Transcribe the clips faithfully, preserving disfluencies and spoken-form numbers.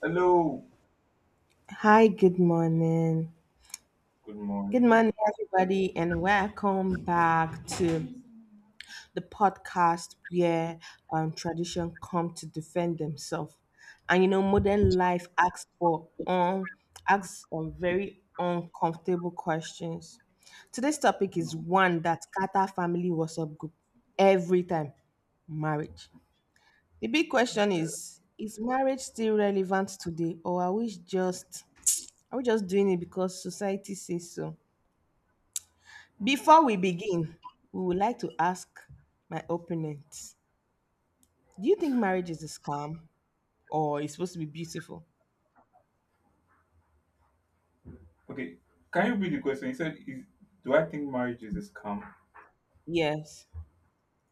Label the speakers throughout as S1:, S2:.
S1: Hello.
S2: Hi, good morning.
S1: Good
S2: Good
S1: morning.
S2: morning, everybody, and welcome back to the podcast where um, tradition come to defend themselves. And you know, modern life asks for um, asks um, very uncomfortable questions. Today's topic is
S1: Mm.
S2: one that scatter family WhatsApp group every time: marriage. The big question
S1: Yeah.
S2: is: Is marriage still relevant today, or are we just are we just doing it because society says so?
S1: Mm,
S2: Before we
S1: wow.
S2: begin, we would like to ask my opponent, Do you think marriage is a scam or it's supposed to be beautiful?
S1: Okay. Can you read the question? He said, is, "Do I think marriage is a scam,
S2: Yes.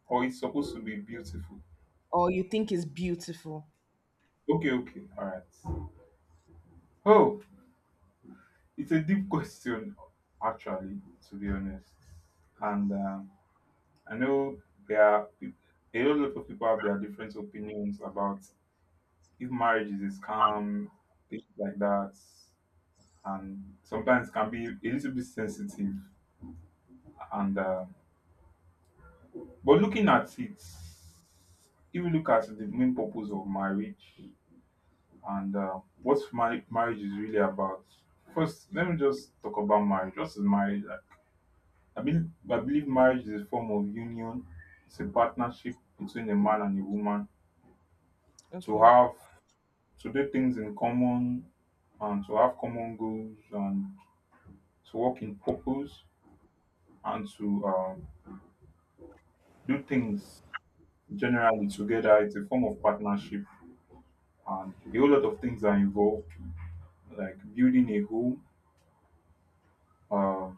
S1: or it's supposed to be beautiful?"
S2: Or you think it's beautiful?
S1: Okay. Okay. All right. Oh, it's a deep question, actually. To be honest, and um, I know there are peop- a whole lot of people have their different opinions about if marriage is a scam, things like that, and sometimes it can be a little bit sensitive and. Uh, But looking at it, if you look at the main purpose of marriage and uh, what mar- marriage is really about, first let me just talk about marriage. What is marriage? I I, believe I believe marriage is a form of union. It's a partnership between a man and a woman to
S2: Okay.
S1: have to do things in common and to have common goals and to work in purpose and to um, do things generally together. It's a form of partnership and a whole lot of things are involved, like building a home, uh,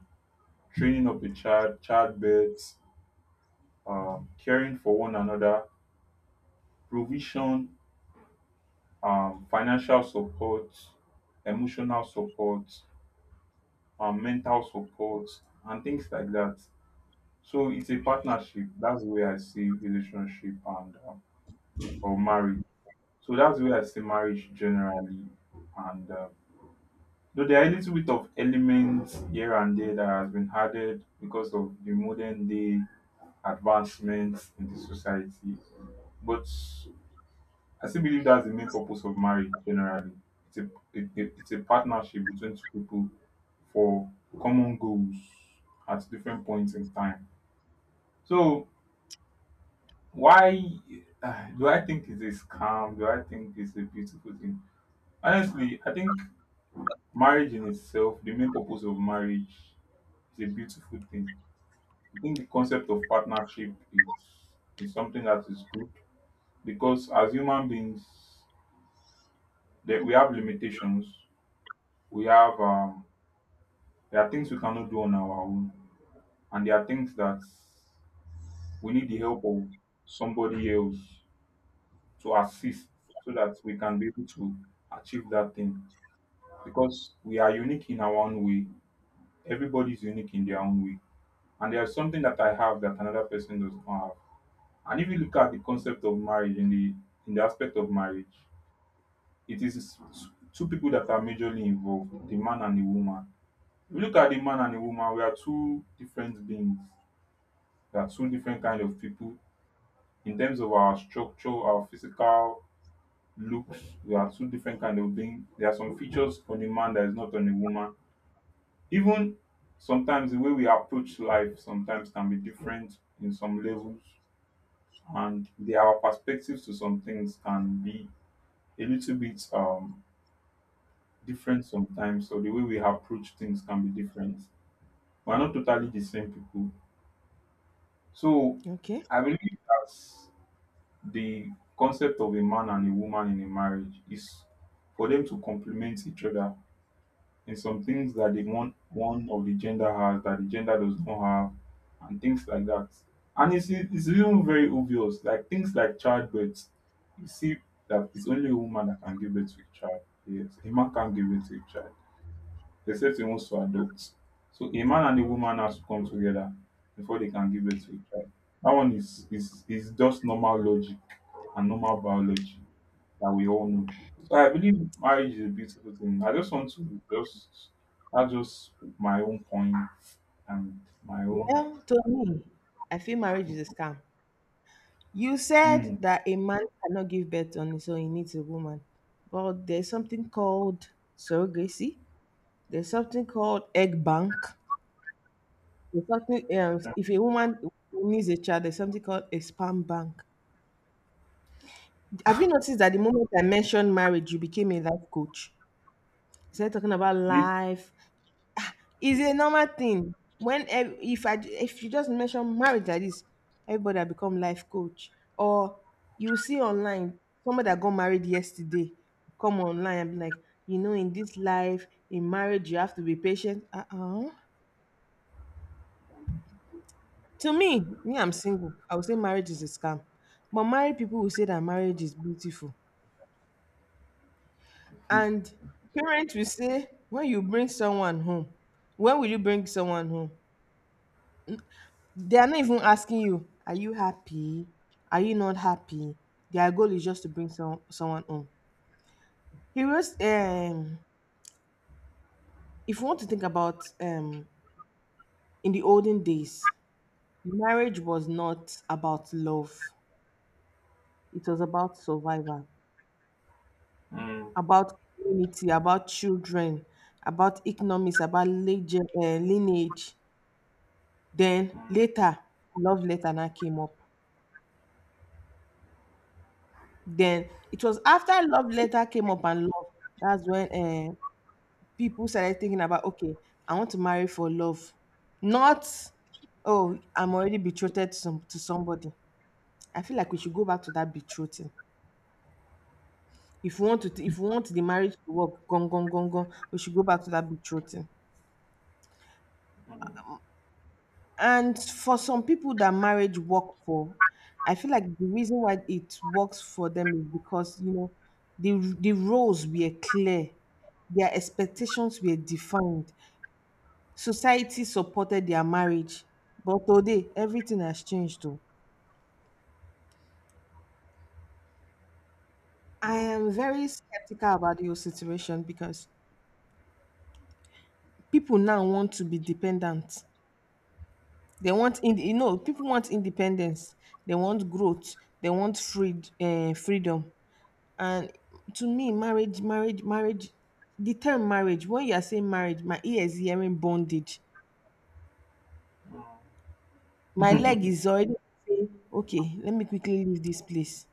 S1: training up a child, childbirth, um, caring for one another, provision, um, financial support, emotional support, um, mental support, and things like that. So it's a partnership. That's the way I see relationship and uh, or marriage. So that's the way I see marriage generally, and uh, Though there are a little bit of elements here and there that has been added because of the modern day advancements in the society. But I still believe that's the main purpose of marriage generally. It's a, it, it- it's a partnership between two people for common goals at different points in time. So, why uh, do I think it's a scam? Do I think it's a beautiful thing? Honestly, I think marriage in itself, the main purpose of marriage, is a beautiful thing. I think the concept of partnership is is something that is good because as human beings, that we have limitations. We have um, there are things we cannot do on our own, and there are things that we need the help of somebody else to assist so that we can be able to achieve that thing. Because we are unique in our own way. Everybody is unique in their own way, and there's something that I have that another person does not have. And if you look at the concept of marriage in the in the aspect of marriage, it is two people that are majorly involved, the man and the woman. If you look at the man and the woman, we are two different beings. We are two different kind of people in terms of our structure, our physical looks. We are two different kind of beings. There are some features on the man that is not on the woman. Even sometimes the way we approach life sometimes can be different in some levels, and the, our perspectives to some things can be a little bit um different sometimes, so the way we approach things can be different. We're not totally the same people, so
S2: Okay.
S1: I believe that the concept of a man and a woman in a marriage is for them to complement each other in some things that the one one of the gender has that the gender does not have and things like that. And it's it's even very obvious, like things like childbirth. You see that it's only a woman that can give birth to a child. Yes, a man can't give birth to a child except he wants to adopt. So a man and a woman has to come together before they can give birth to a child. That one is is is just normal logic and normal biology that we all know. So I believe marriage is a beautiful thing. I just want to just that's just my own point and my own.
S2: Well, to me, I feel marriage is a scam. You
S1: Hmm.
S2: said that a man cannot give birth on his own, he needs a woman. But there's something called surrogacy, there's something called egg bank. There's something else. If a woman needs a child, there's something called a sperm bank. Have you noticed that the moment I mentioned marriage, you became a life coach? You started talking about
S1: Need-
S2: life. It's a normal thing. When ev- if I if you just mention marriage like this, everybody has become life coach. Or you see online somebody that got married yesterday come online and be like, you know, in this life, in marriage, you have to be patient. Uh uh To me, me, I'm single. I would say marriage is a scam. But married people will say that marriage is beautiful.
S1: hmm,
S2: And parents will say, when you bring someone home, when will you bring someone home? They are not even asking you, are you happy? Are you not happy? Their goal is just to bring some, someone home. Heroes, um, if you want to think about um, in the olden days, marriage was not about love, it was about survival.
S1: hmm,
S2: About community, about children, about economics, about lege- eh, lineage. Then
S1: hmm,
S2: later, Love Letter now came up. Then it was after Love Letter came up and Love, that's when eh, people started thinking about, okay, I want to marry for love. Not, oh, I'm already betrothed to, some, to somebody. I feel like we should go back to that betrothing. If we want to, if we want the marriage to work, gone, gone, gone, gone, we should go back to that betrothing. And for some people that marriage work for, I feel like the reason why it works for them is because you know the the roles were clear, their expectations were defined, society supported their marriage. But today, everything has changed. Though I
S1: hmm.
S2: am very skeptical about your situation because people now want to be dependent. They want in you know people want independence. They want growth. They want free uh, freedom. And to me, marriage, marriage, marriage, the term marriage, when you are saying marriage, my ear is hearing bondage. My leg is already saying, okay, let me quickly leave this place.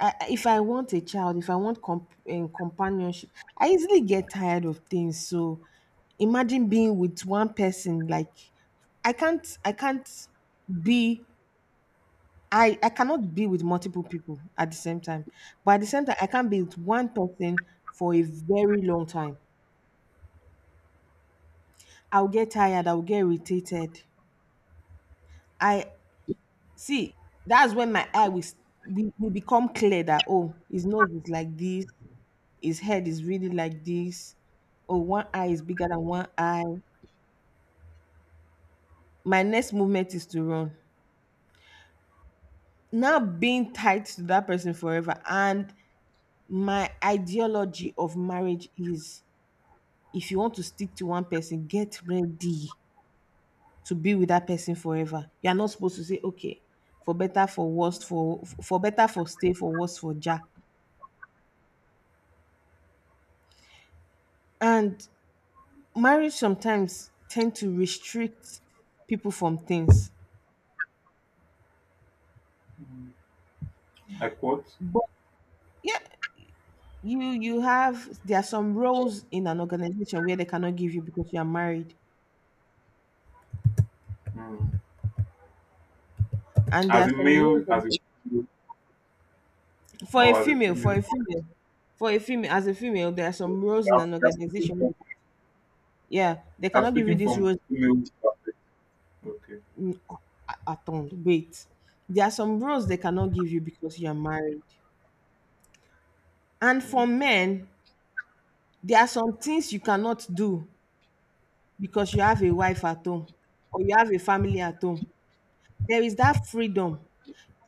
S2: I, I- if I want a child, if I want comp- um, companionship, I easily get tired of things. So imagine being with one person, like, I can't, I can't be I, I cannot be with multiple people at the same time. But at the same time, I can't be with one person for a very long time. I'll get tired, I'll get irritated. I see that's when my eye will, s- will, will become clear that oh, his nose is like this, his head is really like this, oh, one eye is bigger than one eye. My next movement is to run. Now being tied to that person forever, and my ideology of marriage is if you want to stick to one person, get ready to be with that person forever. You are not supposed to say, okay, for better, for worse, for for better, for stay, for worse, for ja. And marriage sometimes tend to restrict people from things.
S1: Like what?
S2: But yeah, you you have there are some roles in an organization where they cannot give you because you are married,
S1: Hmm.
S2: and there
S1: As
S2: are
S1: a
S2: some roles
S1: male,
S2: that-
S1: as a female,
S2: for a
S1: or as a
S2: female, for
S1: female,
S2: a female, for a female as a female, there are
S1: you
S2: some roles in
S1: have,
S2: an
S1: you are speaking.
S2: organization. Where they, yeah, they
S1: I'm
S2: cannot give you
S1: speaking
S2: these
S1: from
S2: roles
S1: female perspective. Okay.
S2: in a- atoned. Wait, there are some roles they cannot give you because you are married. And
S1: Mm.
S2: for men, there are some things you cannot do because you have a wife at home or you have a family at home. There is that freedom.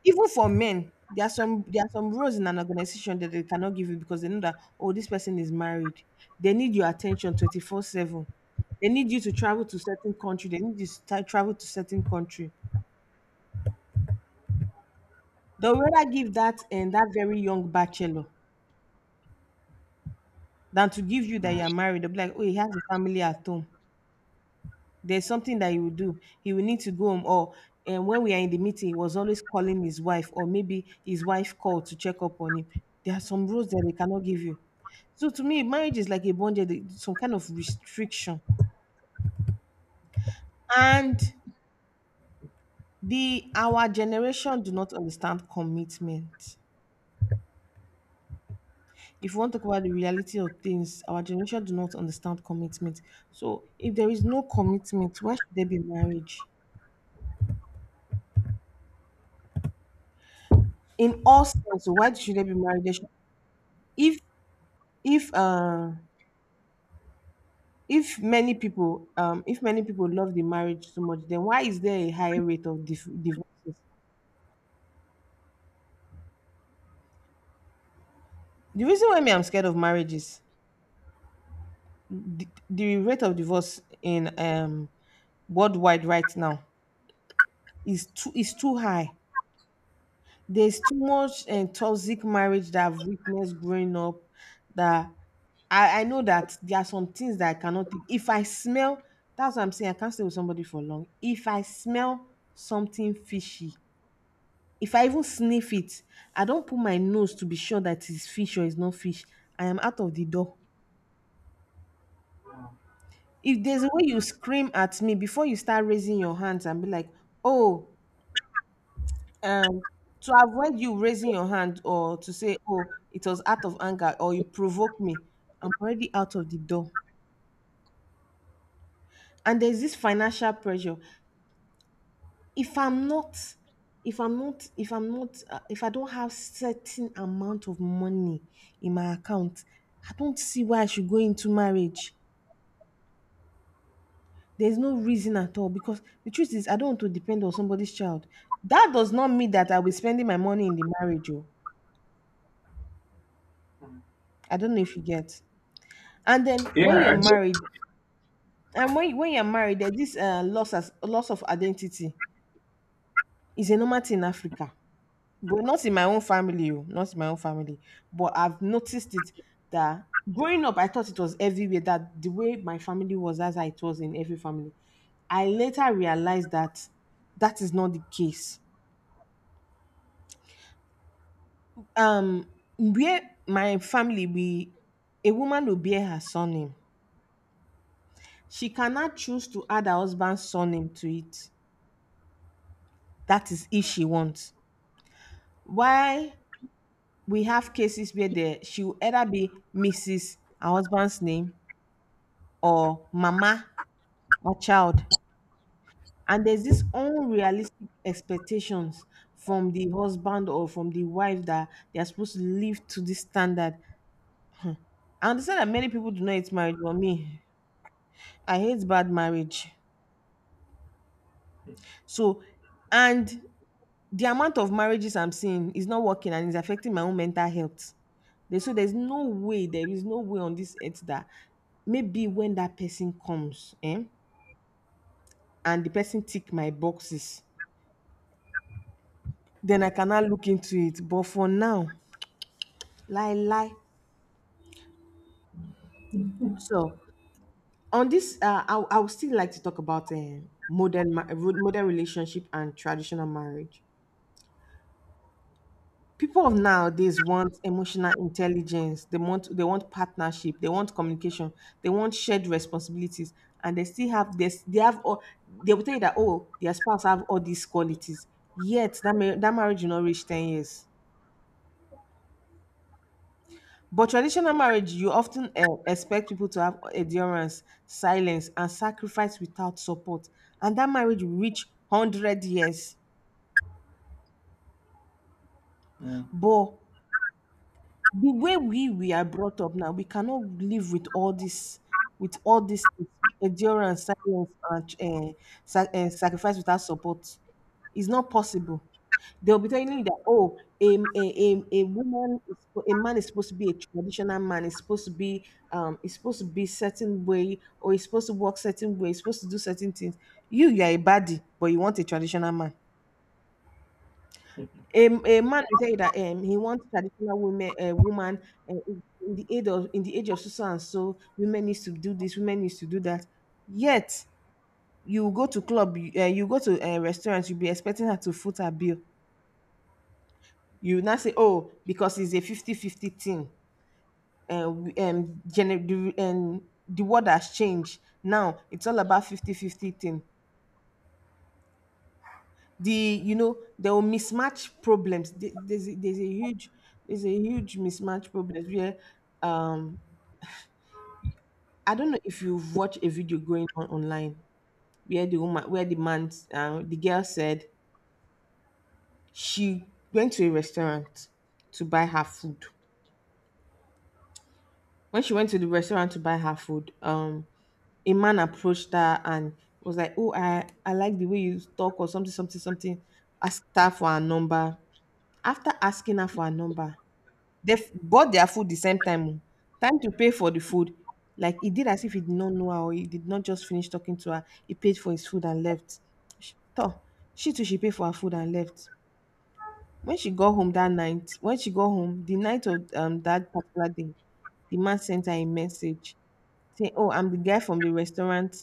S2: Even for men, there are some there are some roles in an organization that they cannot give you because they know that oh, this person is married. They need your attention twenty-four seven. They need you to travel to certain country. They need you to tra- travel to certain country. They'll rather give that and that very young bachelor than to give you that
S1: Mm.
S2: you are married. They'll be like, oh, he has a family at home. There's something that he will do. He will need to go home. Or and when we are in the meeting, he was always calling his wife, or maybe his wife called to check up on him. There are some rules that they cannot give you. So to me, marriage is like a bondage, some kind of restriction. And the our generation do not understand commitment. If you want to talk about the reality of things, our generation do not understand commitment. So if there is no commitment, why should there be marriage? In all sense, why should they be married? They should- if if uh if many people um if many people love the marriage so much, then why is there a higher rate of dif- divorces? The reason why me I'm scared of marriage is the, the rate of divorce in um worldwide right now is too is too high. There's too much and toxic marriage that I've witnessed growing up, that I, I know that there are some things that I cannot take. If I smell, that's what I'm saying. I can't stay with somebody for long. If I smell something fishy, if I even sniff it, I don't put my nose to be sure that it's fish or it's not fish. I am out of the door. If there's a way you scream at me before you start raising your hands and be like, oh, um to avoid you raising your hand or to say oh, it was out of anger or you provoke me, I'm already out of the door. And there's this financial pressure. if i'm not if i'm not if i'm not uh, if I don't have certain amount of money in my account, I don't see why I should go into marriage. There's no reason at all, because the truth is I don't want to depend on somebody's child. That does not mean that I'll be spending my money in the marriage oh. I don't know if you get. and then
S1: Yeah,
S2: when you're
S1: I just
S2: married And when when you're married, there's this uh, loss as loss of identity. It's a normal thing in Africa, but not in my own family. Oh, not in my own family, but I've noticed it that growing up, I thought it was everywhere. That the way my family was, as it was in every family. I later realized that that is not the case. Um, where my family, we a woman will bear her surname. She cannot choose to add her husband's surname to it. That is if she wants. Why we have cases where the she will either be missus her husband's name or Mama her child, and there's this unrealistic expectations from the husband or from the wife that they are supposed to live to this standard. I understand that many people do not hate marriage, but me, I hate bad marriage. So, and the amount of marriages I'm seeing is not working and it's affecting my own mental health. They- so there's no way, there is no way on this earth that maybe when that person comes eh, and the person tick my boxes, then I cannot look into it. But for now, lie, lie. So on this, uh, I, I would still like to talk about eh, modern, ma- modern relationship and traditional marriage. People of nowadays want emotional intelligence, they want they want partnership, they want communication, they want shared responsibilities, and they still have this, they have all, they will tell you that oh, their spouse have all these qualities, yet that, ma- that marriage will not reach ten years. But traditional marriage, you often uh, expect people to have endurance, silence, and sacrifice without support, and that marriage will reach one hundred years.
S1: mm.
S2: But the way we we are brought up now, we cannot live with all this, with all this endurance, silence, and uh, sa- eh, sacrifice without support. It's not possible. They'll be telling you that oh, a, a, a, a woman, is, spo- a man is supposed to be a traditional man. Is supposed to be um, is supposed to be certain way, or is supposed to work certain way. Is supposed to do certain things. You, you are a baddie, but you want a traditional man. A, a man will tell you that um, he wants traditional women, a woman uh, in in the age of in the age of so so and so, women needs to do this, women needs to do that. Yet you go to club, you, uh, you go to a restaurant, you'll be expecting her to foot her bill. You now say, oh, because it's a fifty fifty thing. And um, gener- the, um, the world has changed. Now it's all about fifty fifty thing. the you know they will mismatch problems. There- there's a, there's a huge there's a huge mismatch problems where, um I don't know if you've watched a video going on online, where the woman where the man uh, the girl said she went to a restaurant to buy her food. When she went to the restaurant to buy her food, um a man approached her and was like, "Oh, I I like the way you talk, or something, something, something." Asked her for her number. After asking her for her number, They f- bought their food the same time. Oh. Time to pay for the food. Like he did as if he did not know her, or he did not just finish talking to her. He paid for his food and left. She, toh, she too, she paid for her food and left. When she got home that night, when she got home, the night of um, that particular day, the man sent her a message saying, "Oh, I'm the guy from the restaurant,"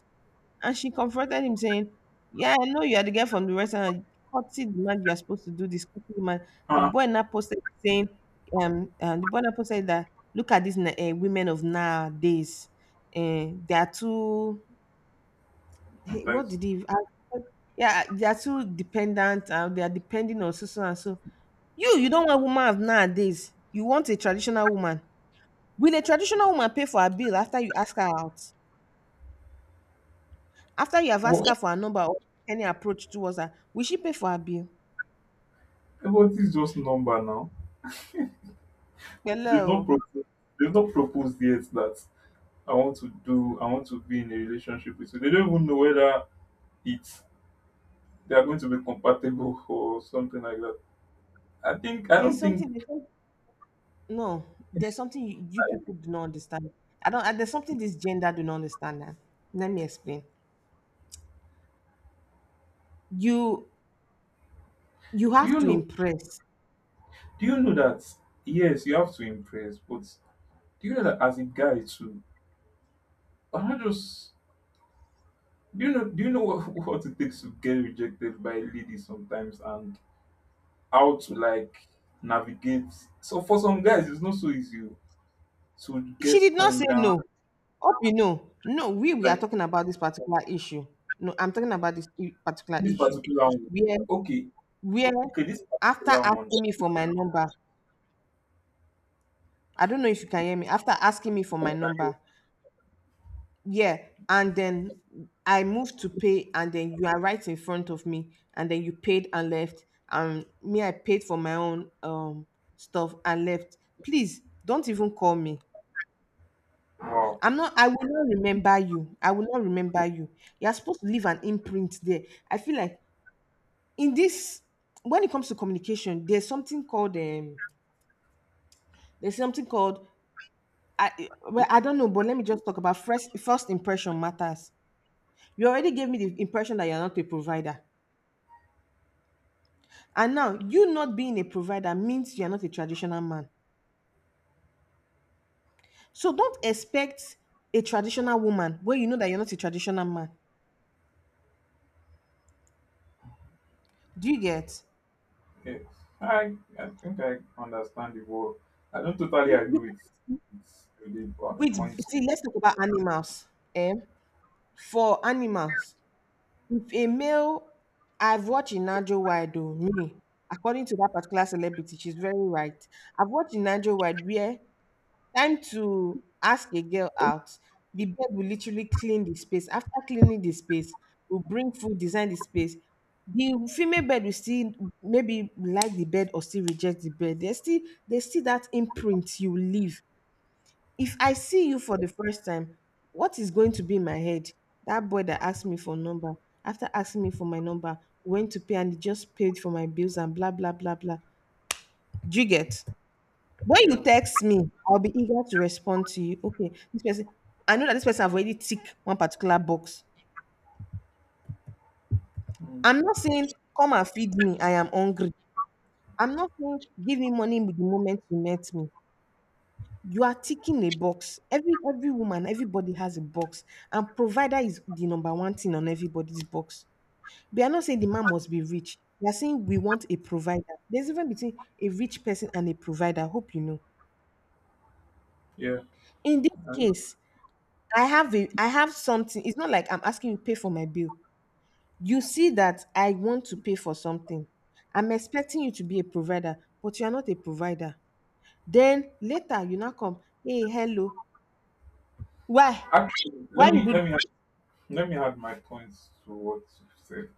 S2: and she confronted him saying, "Yeah, I know you are the girl from the restaurant. Cutty demand, you are supposed to do this. Cutty demand." The
S1: Ah,
S2: boy now posted saying, um, uh, the boy now posted that, look at these uh, women of nowadays. Uh, they are too— hey, what
S1: sometimes.
S2: did he— I— yeah, they are too dependent. Uh, they are depending on so so and so. You you don't want woman of nowadays. You want a traditional woman. Will a traditional woman pay for her bill after you ask her out? After you have asked
S1: What
S2: her for her number, or any approach towards her, will she pay for her bill?
S1: what is just number now? They've not
S2: Hello.
S1: proposed. They've not proposed yet that I want to do. I want to be in a relationship with you. They don't even know whether it's they are going to be compatible or something like that. I think I
S2: There's
S1: don't think.
S2: something, there's some, No, there's something you, you people do not understand. I don't, There's something this gender do not understand now. Let me explain. You, you
S1: Do
S2: have
S1: you
S2: to
S1: know?
S2: impress.
S1: Do you know that? Yes, you have to impress, but do you know that as a guy too? I'm not just. Do you know do you know what, what it takes to get rejected by ladies sometimes, and how to like navigate, so for some guys it's not so easy o, to
S2: She
S1: get
S2: did not
S1: turned
S2: say
S1: down
S2: no. Hope you know. No, we, we are
S1: like
S2: talking about this particular issue. No, I'm talking about this i- particular
S1: this
S2: issue.
S1: particular one.
S2: Where,
S1: Okay,
S2: where,
S1: okay, this
S2: After
S1: particular one.
S2: asking me for my number, I don't know if you can hear me. After asking me for my number, yeah, and then I moved to pay, and then you are right in front of me, and then you paid and left, and me, I paid for my own um stuff and left. Please don't even call me.
S1: Wow.
S2: i'm not I will not remember you. I will not remember you. You're supposed to leave an imprint there. I feel like, in this— when it comes to communication, there's something called um there's something called I well, I don't know, but let me just talk about— first first impression matters. You already gave me the impression that you're not a provider. And now, you not being a provider means you're not a traditional man. So don't expect a traditional woman when you know that you're not a traditional man. Do you get?
S1: Yeah. I I think I understand the word. I don't totally
S2: You, you
S1: agree with with the po-
S2: Wait,
S1: points.
S2: see, let's talk about animals. Eh? For animals, if a male— I've watched Inajo Wide, oh, me, according to that particular celebrity, she's very right. I've watched Inajo Wide where, time to ask a girl out, the babe will literally clean the space. After cleaning the space, will bring food, design the space. The female bed will still maybe like the bed, or still reject the bed. There's still there's still that imprint you leave. If I see you for the first time, what is going to be in my head? That boy that asked me for number, after asking me for my number, went to pay, and he just paid for my bills and blah blah blah blah. Do you get? When you
S1: Yeah.
S2: text me, I'll be eager to respond to you. Okay, this person— I know that this person have already ticked one particular box.
S1: Mm,
S2: I'm not saying come and feed me, I am hungry. I'm not saying give me money with the moment you met me. You are ticking a box. Every every woman, everybody has a box, and provider is the number one thing on everybody's box. They are not saying the man must be rich. They are saying we want a provider. There's even between a rich person and a provider. I hope you know.
S1: yeah.
S2: In this
S1: And
S2: case, I have a I have something. It's not like I'm asking you to pay for my bill. You see that I want to pay for something. I'm expecting you to be a provider, but you are not a provider. Then later you now come, hey, hello. Why?
S1: actually
S2: Why
S1: let
S2: you
S1: me
S2: do this?"
S1: let me add- let me add my points to what you said.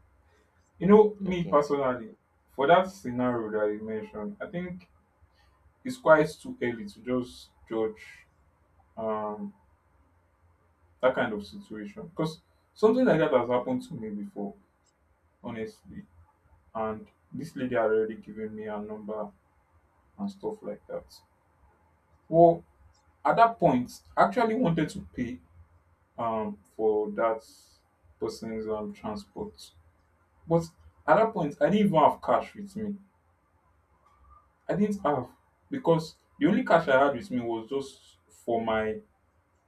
S1: You know, me
S2: Okay.
S1: personally, for that scenario that you mentioned, I think it's quite too early to just judge um that kind of situation because something like that has happened to me before, honestly. And this lady had already given me her number and stuff like that. Well, at that point, I actually wanted to pay um for that person's um transport, but at that point, I didn't even have cash with me. I didn't have, because the only cash I had with me was just for my,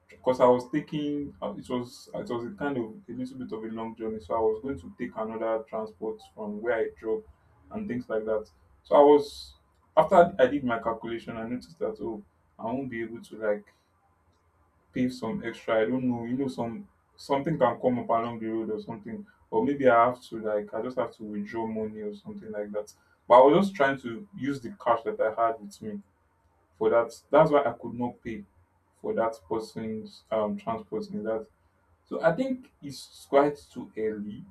S1: because I was taking uh, it was it was a kind of a little bit of a long journey, so I was going to take another transport from where I drove and things like that. So I was, after I did my calculation, I noticed that oh, I won't be able to like pay some extra. I don't know, you know, some something can come up along the road or something, or maybe I have to like I just have to withdraw money or something like that. But I was just trying to use the cash that I had with me for that. That's why I could not pay for that person's um transport in that. So I think it's quite too early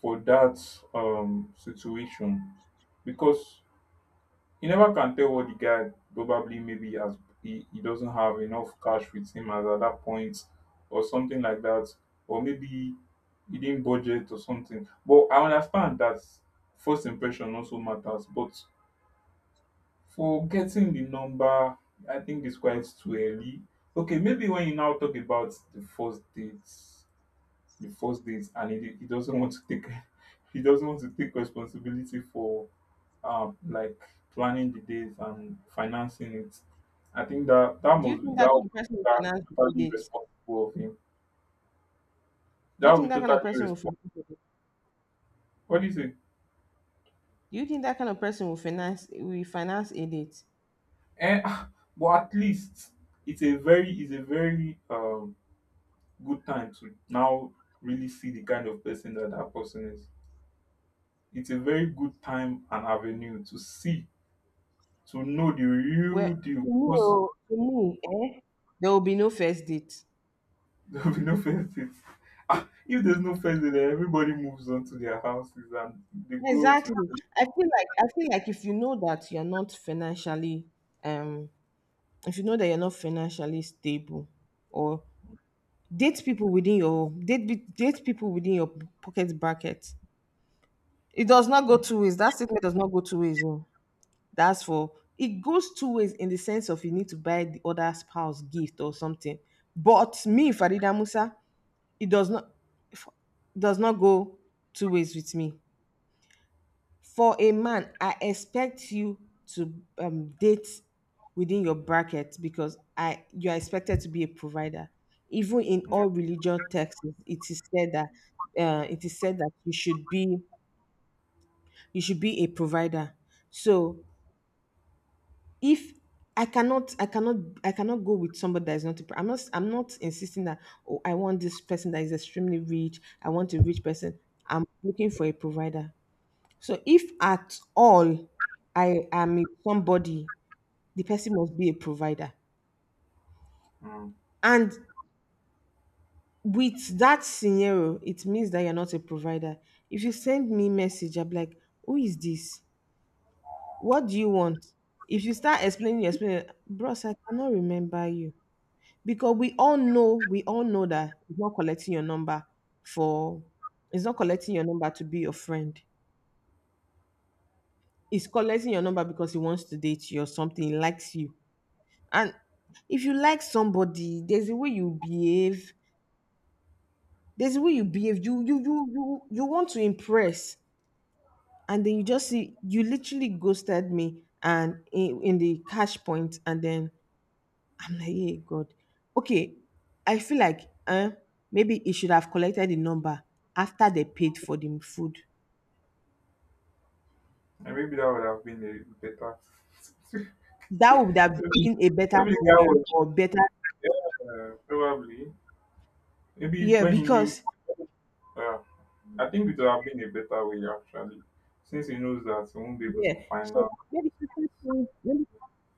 S1: for that um situation because you never can tell what the guy probably maybe has, he, he doesn't have enough cash with him as at that point or something like that, or maybe he didn't budget or something. But I understand that first impression also matters, but for getting the number, I think it's quite too early. Okay, maybe when you now talk about the first date, the first date, and he, he doesn't want to take, he doesn't want to take responsibility for, um, like planning the date and financing it. I think that that
S2: Do you
S1: must be
S2: think
S1: that
S2: that
S1: would
S2: kind of person will
S1: be
S2: finance a
S1: totally
S2: date?
S1: irresponsible of him.
S2: Do
S1: That
S2: you think
S1: would be
S2: that kind
S1: totally
S2: of person will
S1: irresponsible.
S2: finance a date?
S1: What do you say?
S2: Do you think that kind of person will finance will finance a date?
S1: Eh, but at least it's a very, it's a very um good time to now really see the kind of person that that person is. It's a very good time and avenue to see, to know the
S2: Well,
S1: real deal
S2: to me,
S1: because
S2: oh, to me, eh, there will be no first date.
S1: there'll be no first dates. Ah, if there's no first date, then everybody moves on to their houses and they go to.
S2: Exactly. I feel like I feel like if you know that you're not financially um if you know that you're not financially stable, or date people within your date be- date people within your pocket bracket. It does not go two ways. That statement does not go two ways. Oh. That's for It goes two ways in the sense of you need to buy the other spouse gift or something. But me, Farida Musa, it does not does not go two ways with me. For a man, I expect you to um, date within your bracket, because I you are expected to be a provider. Even in all religious texts, it is said that uh, it is said that— you should be you should be a provider. So, if I cannot I cannot I cannot go with somebody that is not a pro- I'm not I'm not insisting that, oh, I want this person that is extremely rich, I want a rich person. I'm looking for a provider. So if at all I am with somebody, the person must be a provider.
S1: Hmm.
S2: And with that scenario, it means that you're not a provider. If you send me message, I'm like, who is this? What do you want? If you start explaining, you explain, bros, I cannot remember you. Because we all know, we all know that it's not collecting your number for it's not collecting your number to be your friend. It's collecting your number because he wants to date you or something, he likes you. And if you like somebody, there's a way you behave. There's a way you behave. You you you you you want to impress, and then you just see you literally ghosted me, and in, in the cash point, and then I'm like, hey God, okay. I feel like, uh, maybe he should have collected the number after they paid for the food.
S1: And maybe that would have been a better.
S2: That would have
S1: Maybe
S2: been a better
S1: maybe the guy
S2: scenario, or
S1: was
S2: better,
S1: uh, probably maybe
S2: yeah,
S1: when he knew.
S2: because—
S1: Uh, I think it would have been a better way actually, since he knows that he won't be able
S2: yeah.
S1: to find
S2: So
S1: out.
S2: maybe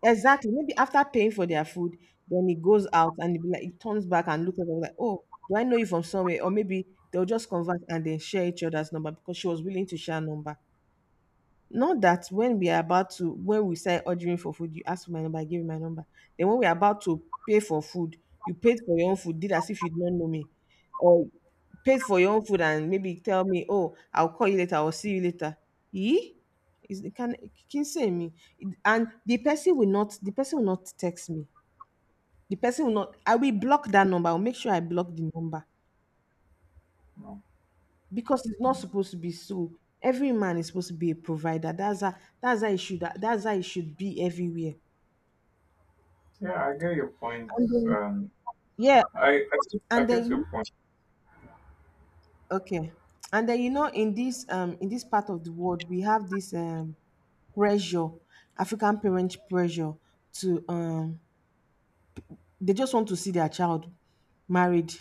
S2: Exactly. Maybe after paying for their food, then he goes out and he be like, he turns back and looks at them like, oh, do I know you from somewhere? Or maybe they'll just converse and then share each other's number, because she was willing to share number. Not that when we are about to, when we start ordering for food, you ask for my number, I give you my number. Then when we are about to pay for food, you paid for your own food, did as if you don't know me. Or paid for your own food and maybe tell me, oh, I'll call you later, I'll see you later. Eh? Is it— can can say me? It- And the person will not the person will not text me. The person will not I will block that number. I'll make sure I block the number, because it's not supposed to be so. Every man is supposed to be a provider. That's how that's how it should that's how it should be everywhere.
S1: Yeah, I get your point.
S2: And then,
S1: Um,
S2: yeah,
S1: I I I
S2: and then
S1: get your
S2: you—
S1: point.
S2: okay. And then, you know, in this— um in this part of the world we have this um pressure. African parent pressure to um they just want to see their child married.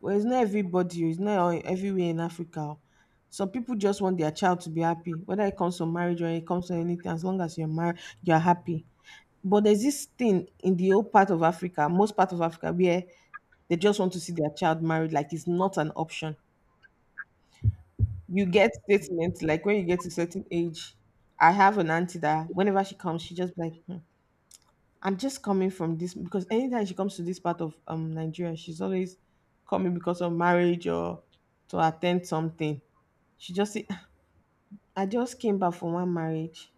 S2: Well, it's not everybody, oh, it's not all- everywhere in Africa. Oh. Some people just want their child to be happy, whether it comes to marriage or it comes to anything. As long as you're married, you're happy. But there's this thing in the old part of Africa, most part of Africa, where they just want to see their child married, like it's not an option. You get statements like when you get to certain age. I have an auntie that whenever she comes, she just be like, "Hmm, I'm just coming from this," because anytime she comes to this part of um Nigeria, she's always coming because of marriage or to attend something. She just say, "Ah, I just came back from one marriage.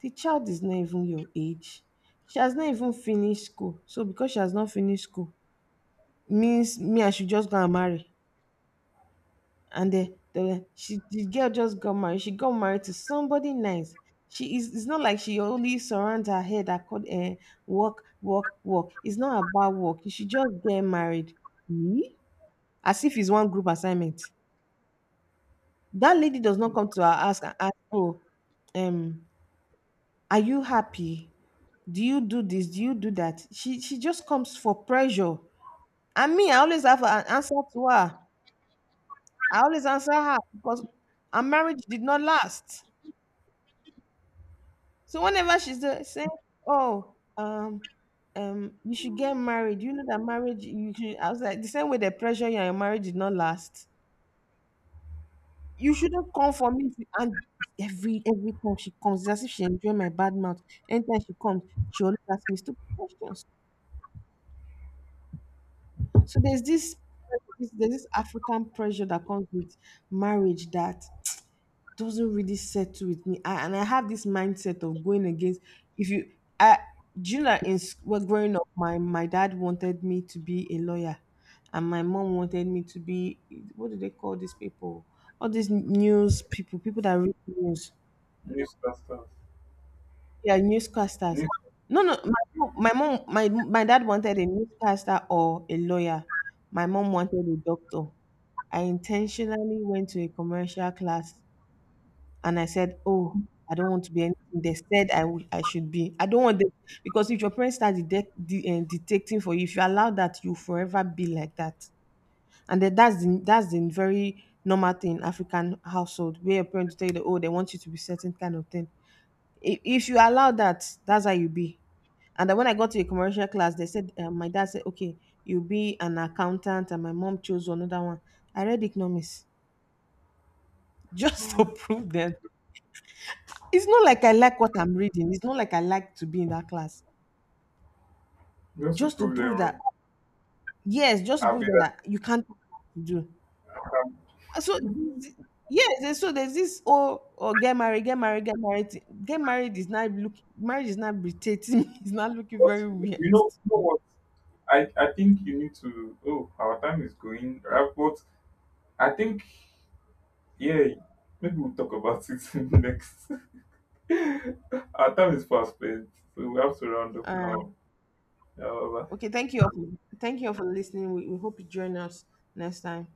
S2: The child is not even your age. She has not even finished school. So because she has not finished school, means me I should just go and marry." and the, the she the girl just got married. She got married to somebody nice. She is. It's not like she only surrounds her head accord uh, work, work, work. It's not about work. You should just get married. Hmm? As if it's one group assignment. That lady does not come to her ask and ask, oh, um, are you happy? Do you do this? Do you do that? She she just comes for pressure. And me, I always have an answer to her. I always answer her because our marriage did not last. So whenever she's there, saying, "Oh, um, um, you should get married. You know that marriage. You should." I was like, "The same way the pressure, you, your marriage did not last. You shouldn't come for me. If you—" And every every time she comes, it's as if she enjoy my bad mouth. Anytime she comes, she always asks me stupid questions. So there's this there's this African pressure that comes with marriage that doesn't really settle with me. I, and I have this mindset of going against. If you, I, do you know that in sc- well, growing up, my my dad wanted me to be a lawyer, and my mom wanted me to be, what do they call these people? All these news people, people that read news.
S1: Newscasters
S2: Yeah, newscasters.
S1: need
S2: No, no, my mom, my mom, my my dad wanted a newscaster or a lawyer. My mom wanted a doctor. I intentionally went to a commercial class. And I said, "Oh, I don't want to be anything they said I would I should be. I don't want them," because if your parents start detect, de- uh, detecting for you, if you allow that, you forever be like that. And then that's the that's the very normal thing in African household where your parents tell you that, oh, they want you to be certain kind of thing. If, if you allow that, that's how you be. And then when I got to a commercial class, they said, uh, my dad said, "Okay, you'll be an accountant." And my mom chose another one. I read economics just to
S1: mm,
S2: prove them. It's not like I like what I'm reading. It's not like I like to be in that class.
S1: just to
S2: Just to
S1: prove them
S2: prove that,
S1: wrong.
S2: yes, just to
S1: I'll be
S2: prove that,
S1: like,
S2: that you can't do.
S1: um,
S2: So, yes, and so there's this, oh, oh, get married, get married, get married thing. Get married is not look. Marriage is not irritating. It's not looking
S1: but
S2: very weird.
S1: you know, you know what? I, I think you need to. Oh, our time is going. Right? But I think yeah, maybe we'll talk about it next. Our time is fast spent, so we have to round up
S2: All right.
S1: now. Yeah, bye-bye.
S2: Okay, thank you all for, thank you all for listening. We, we hope you join us next time.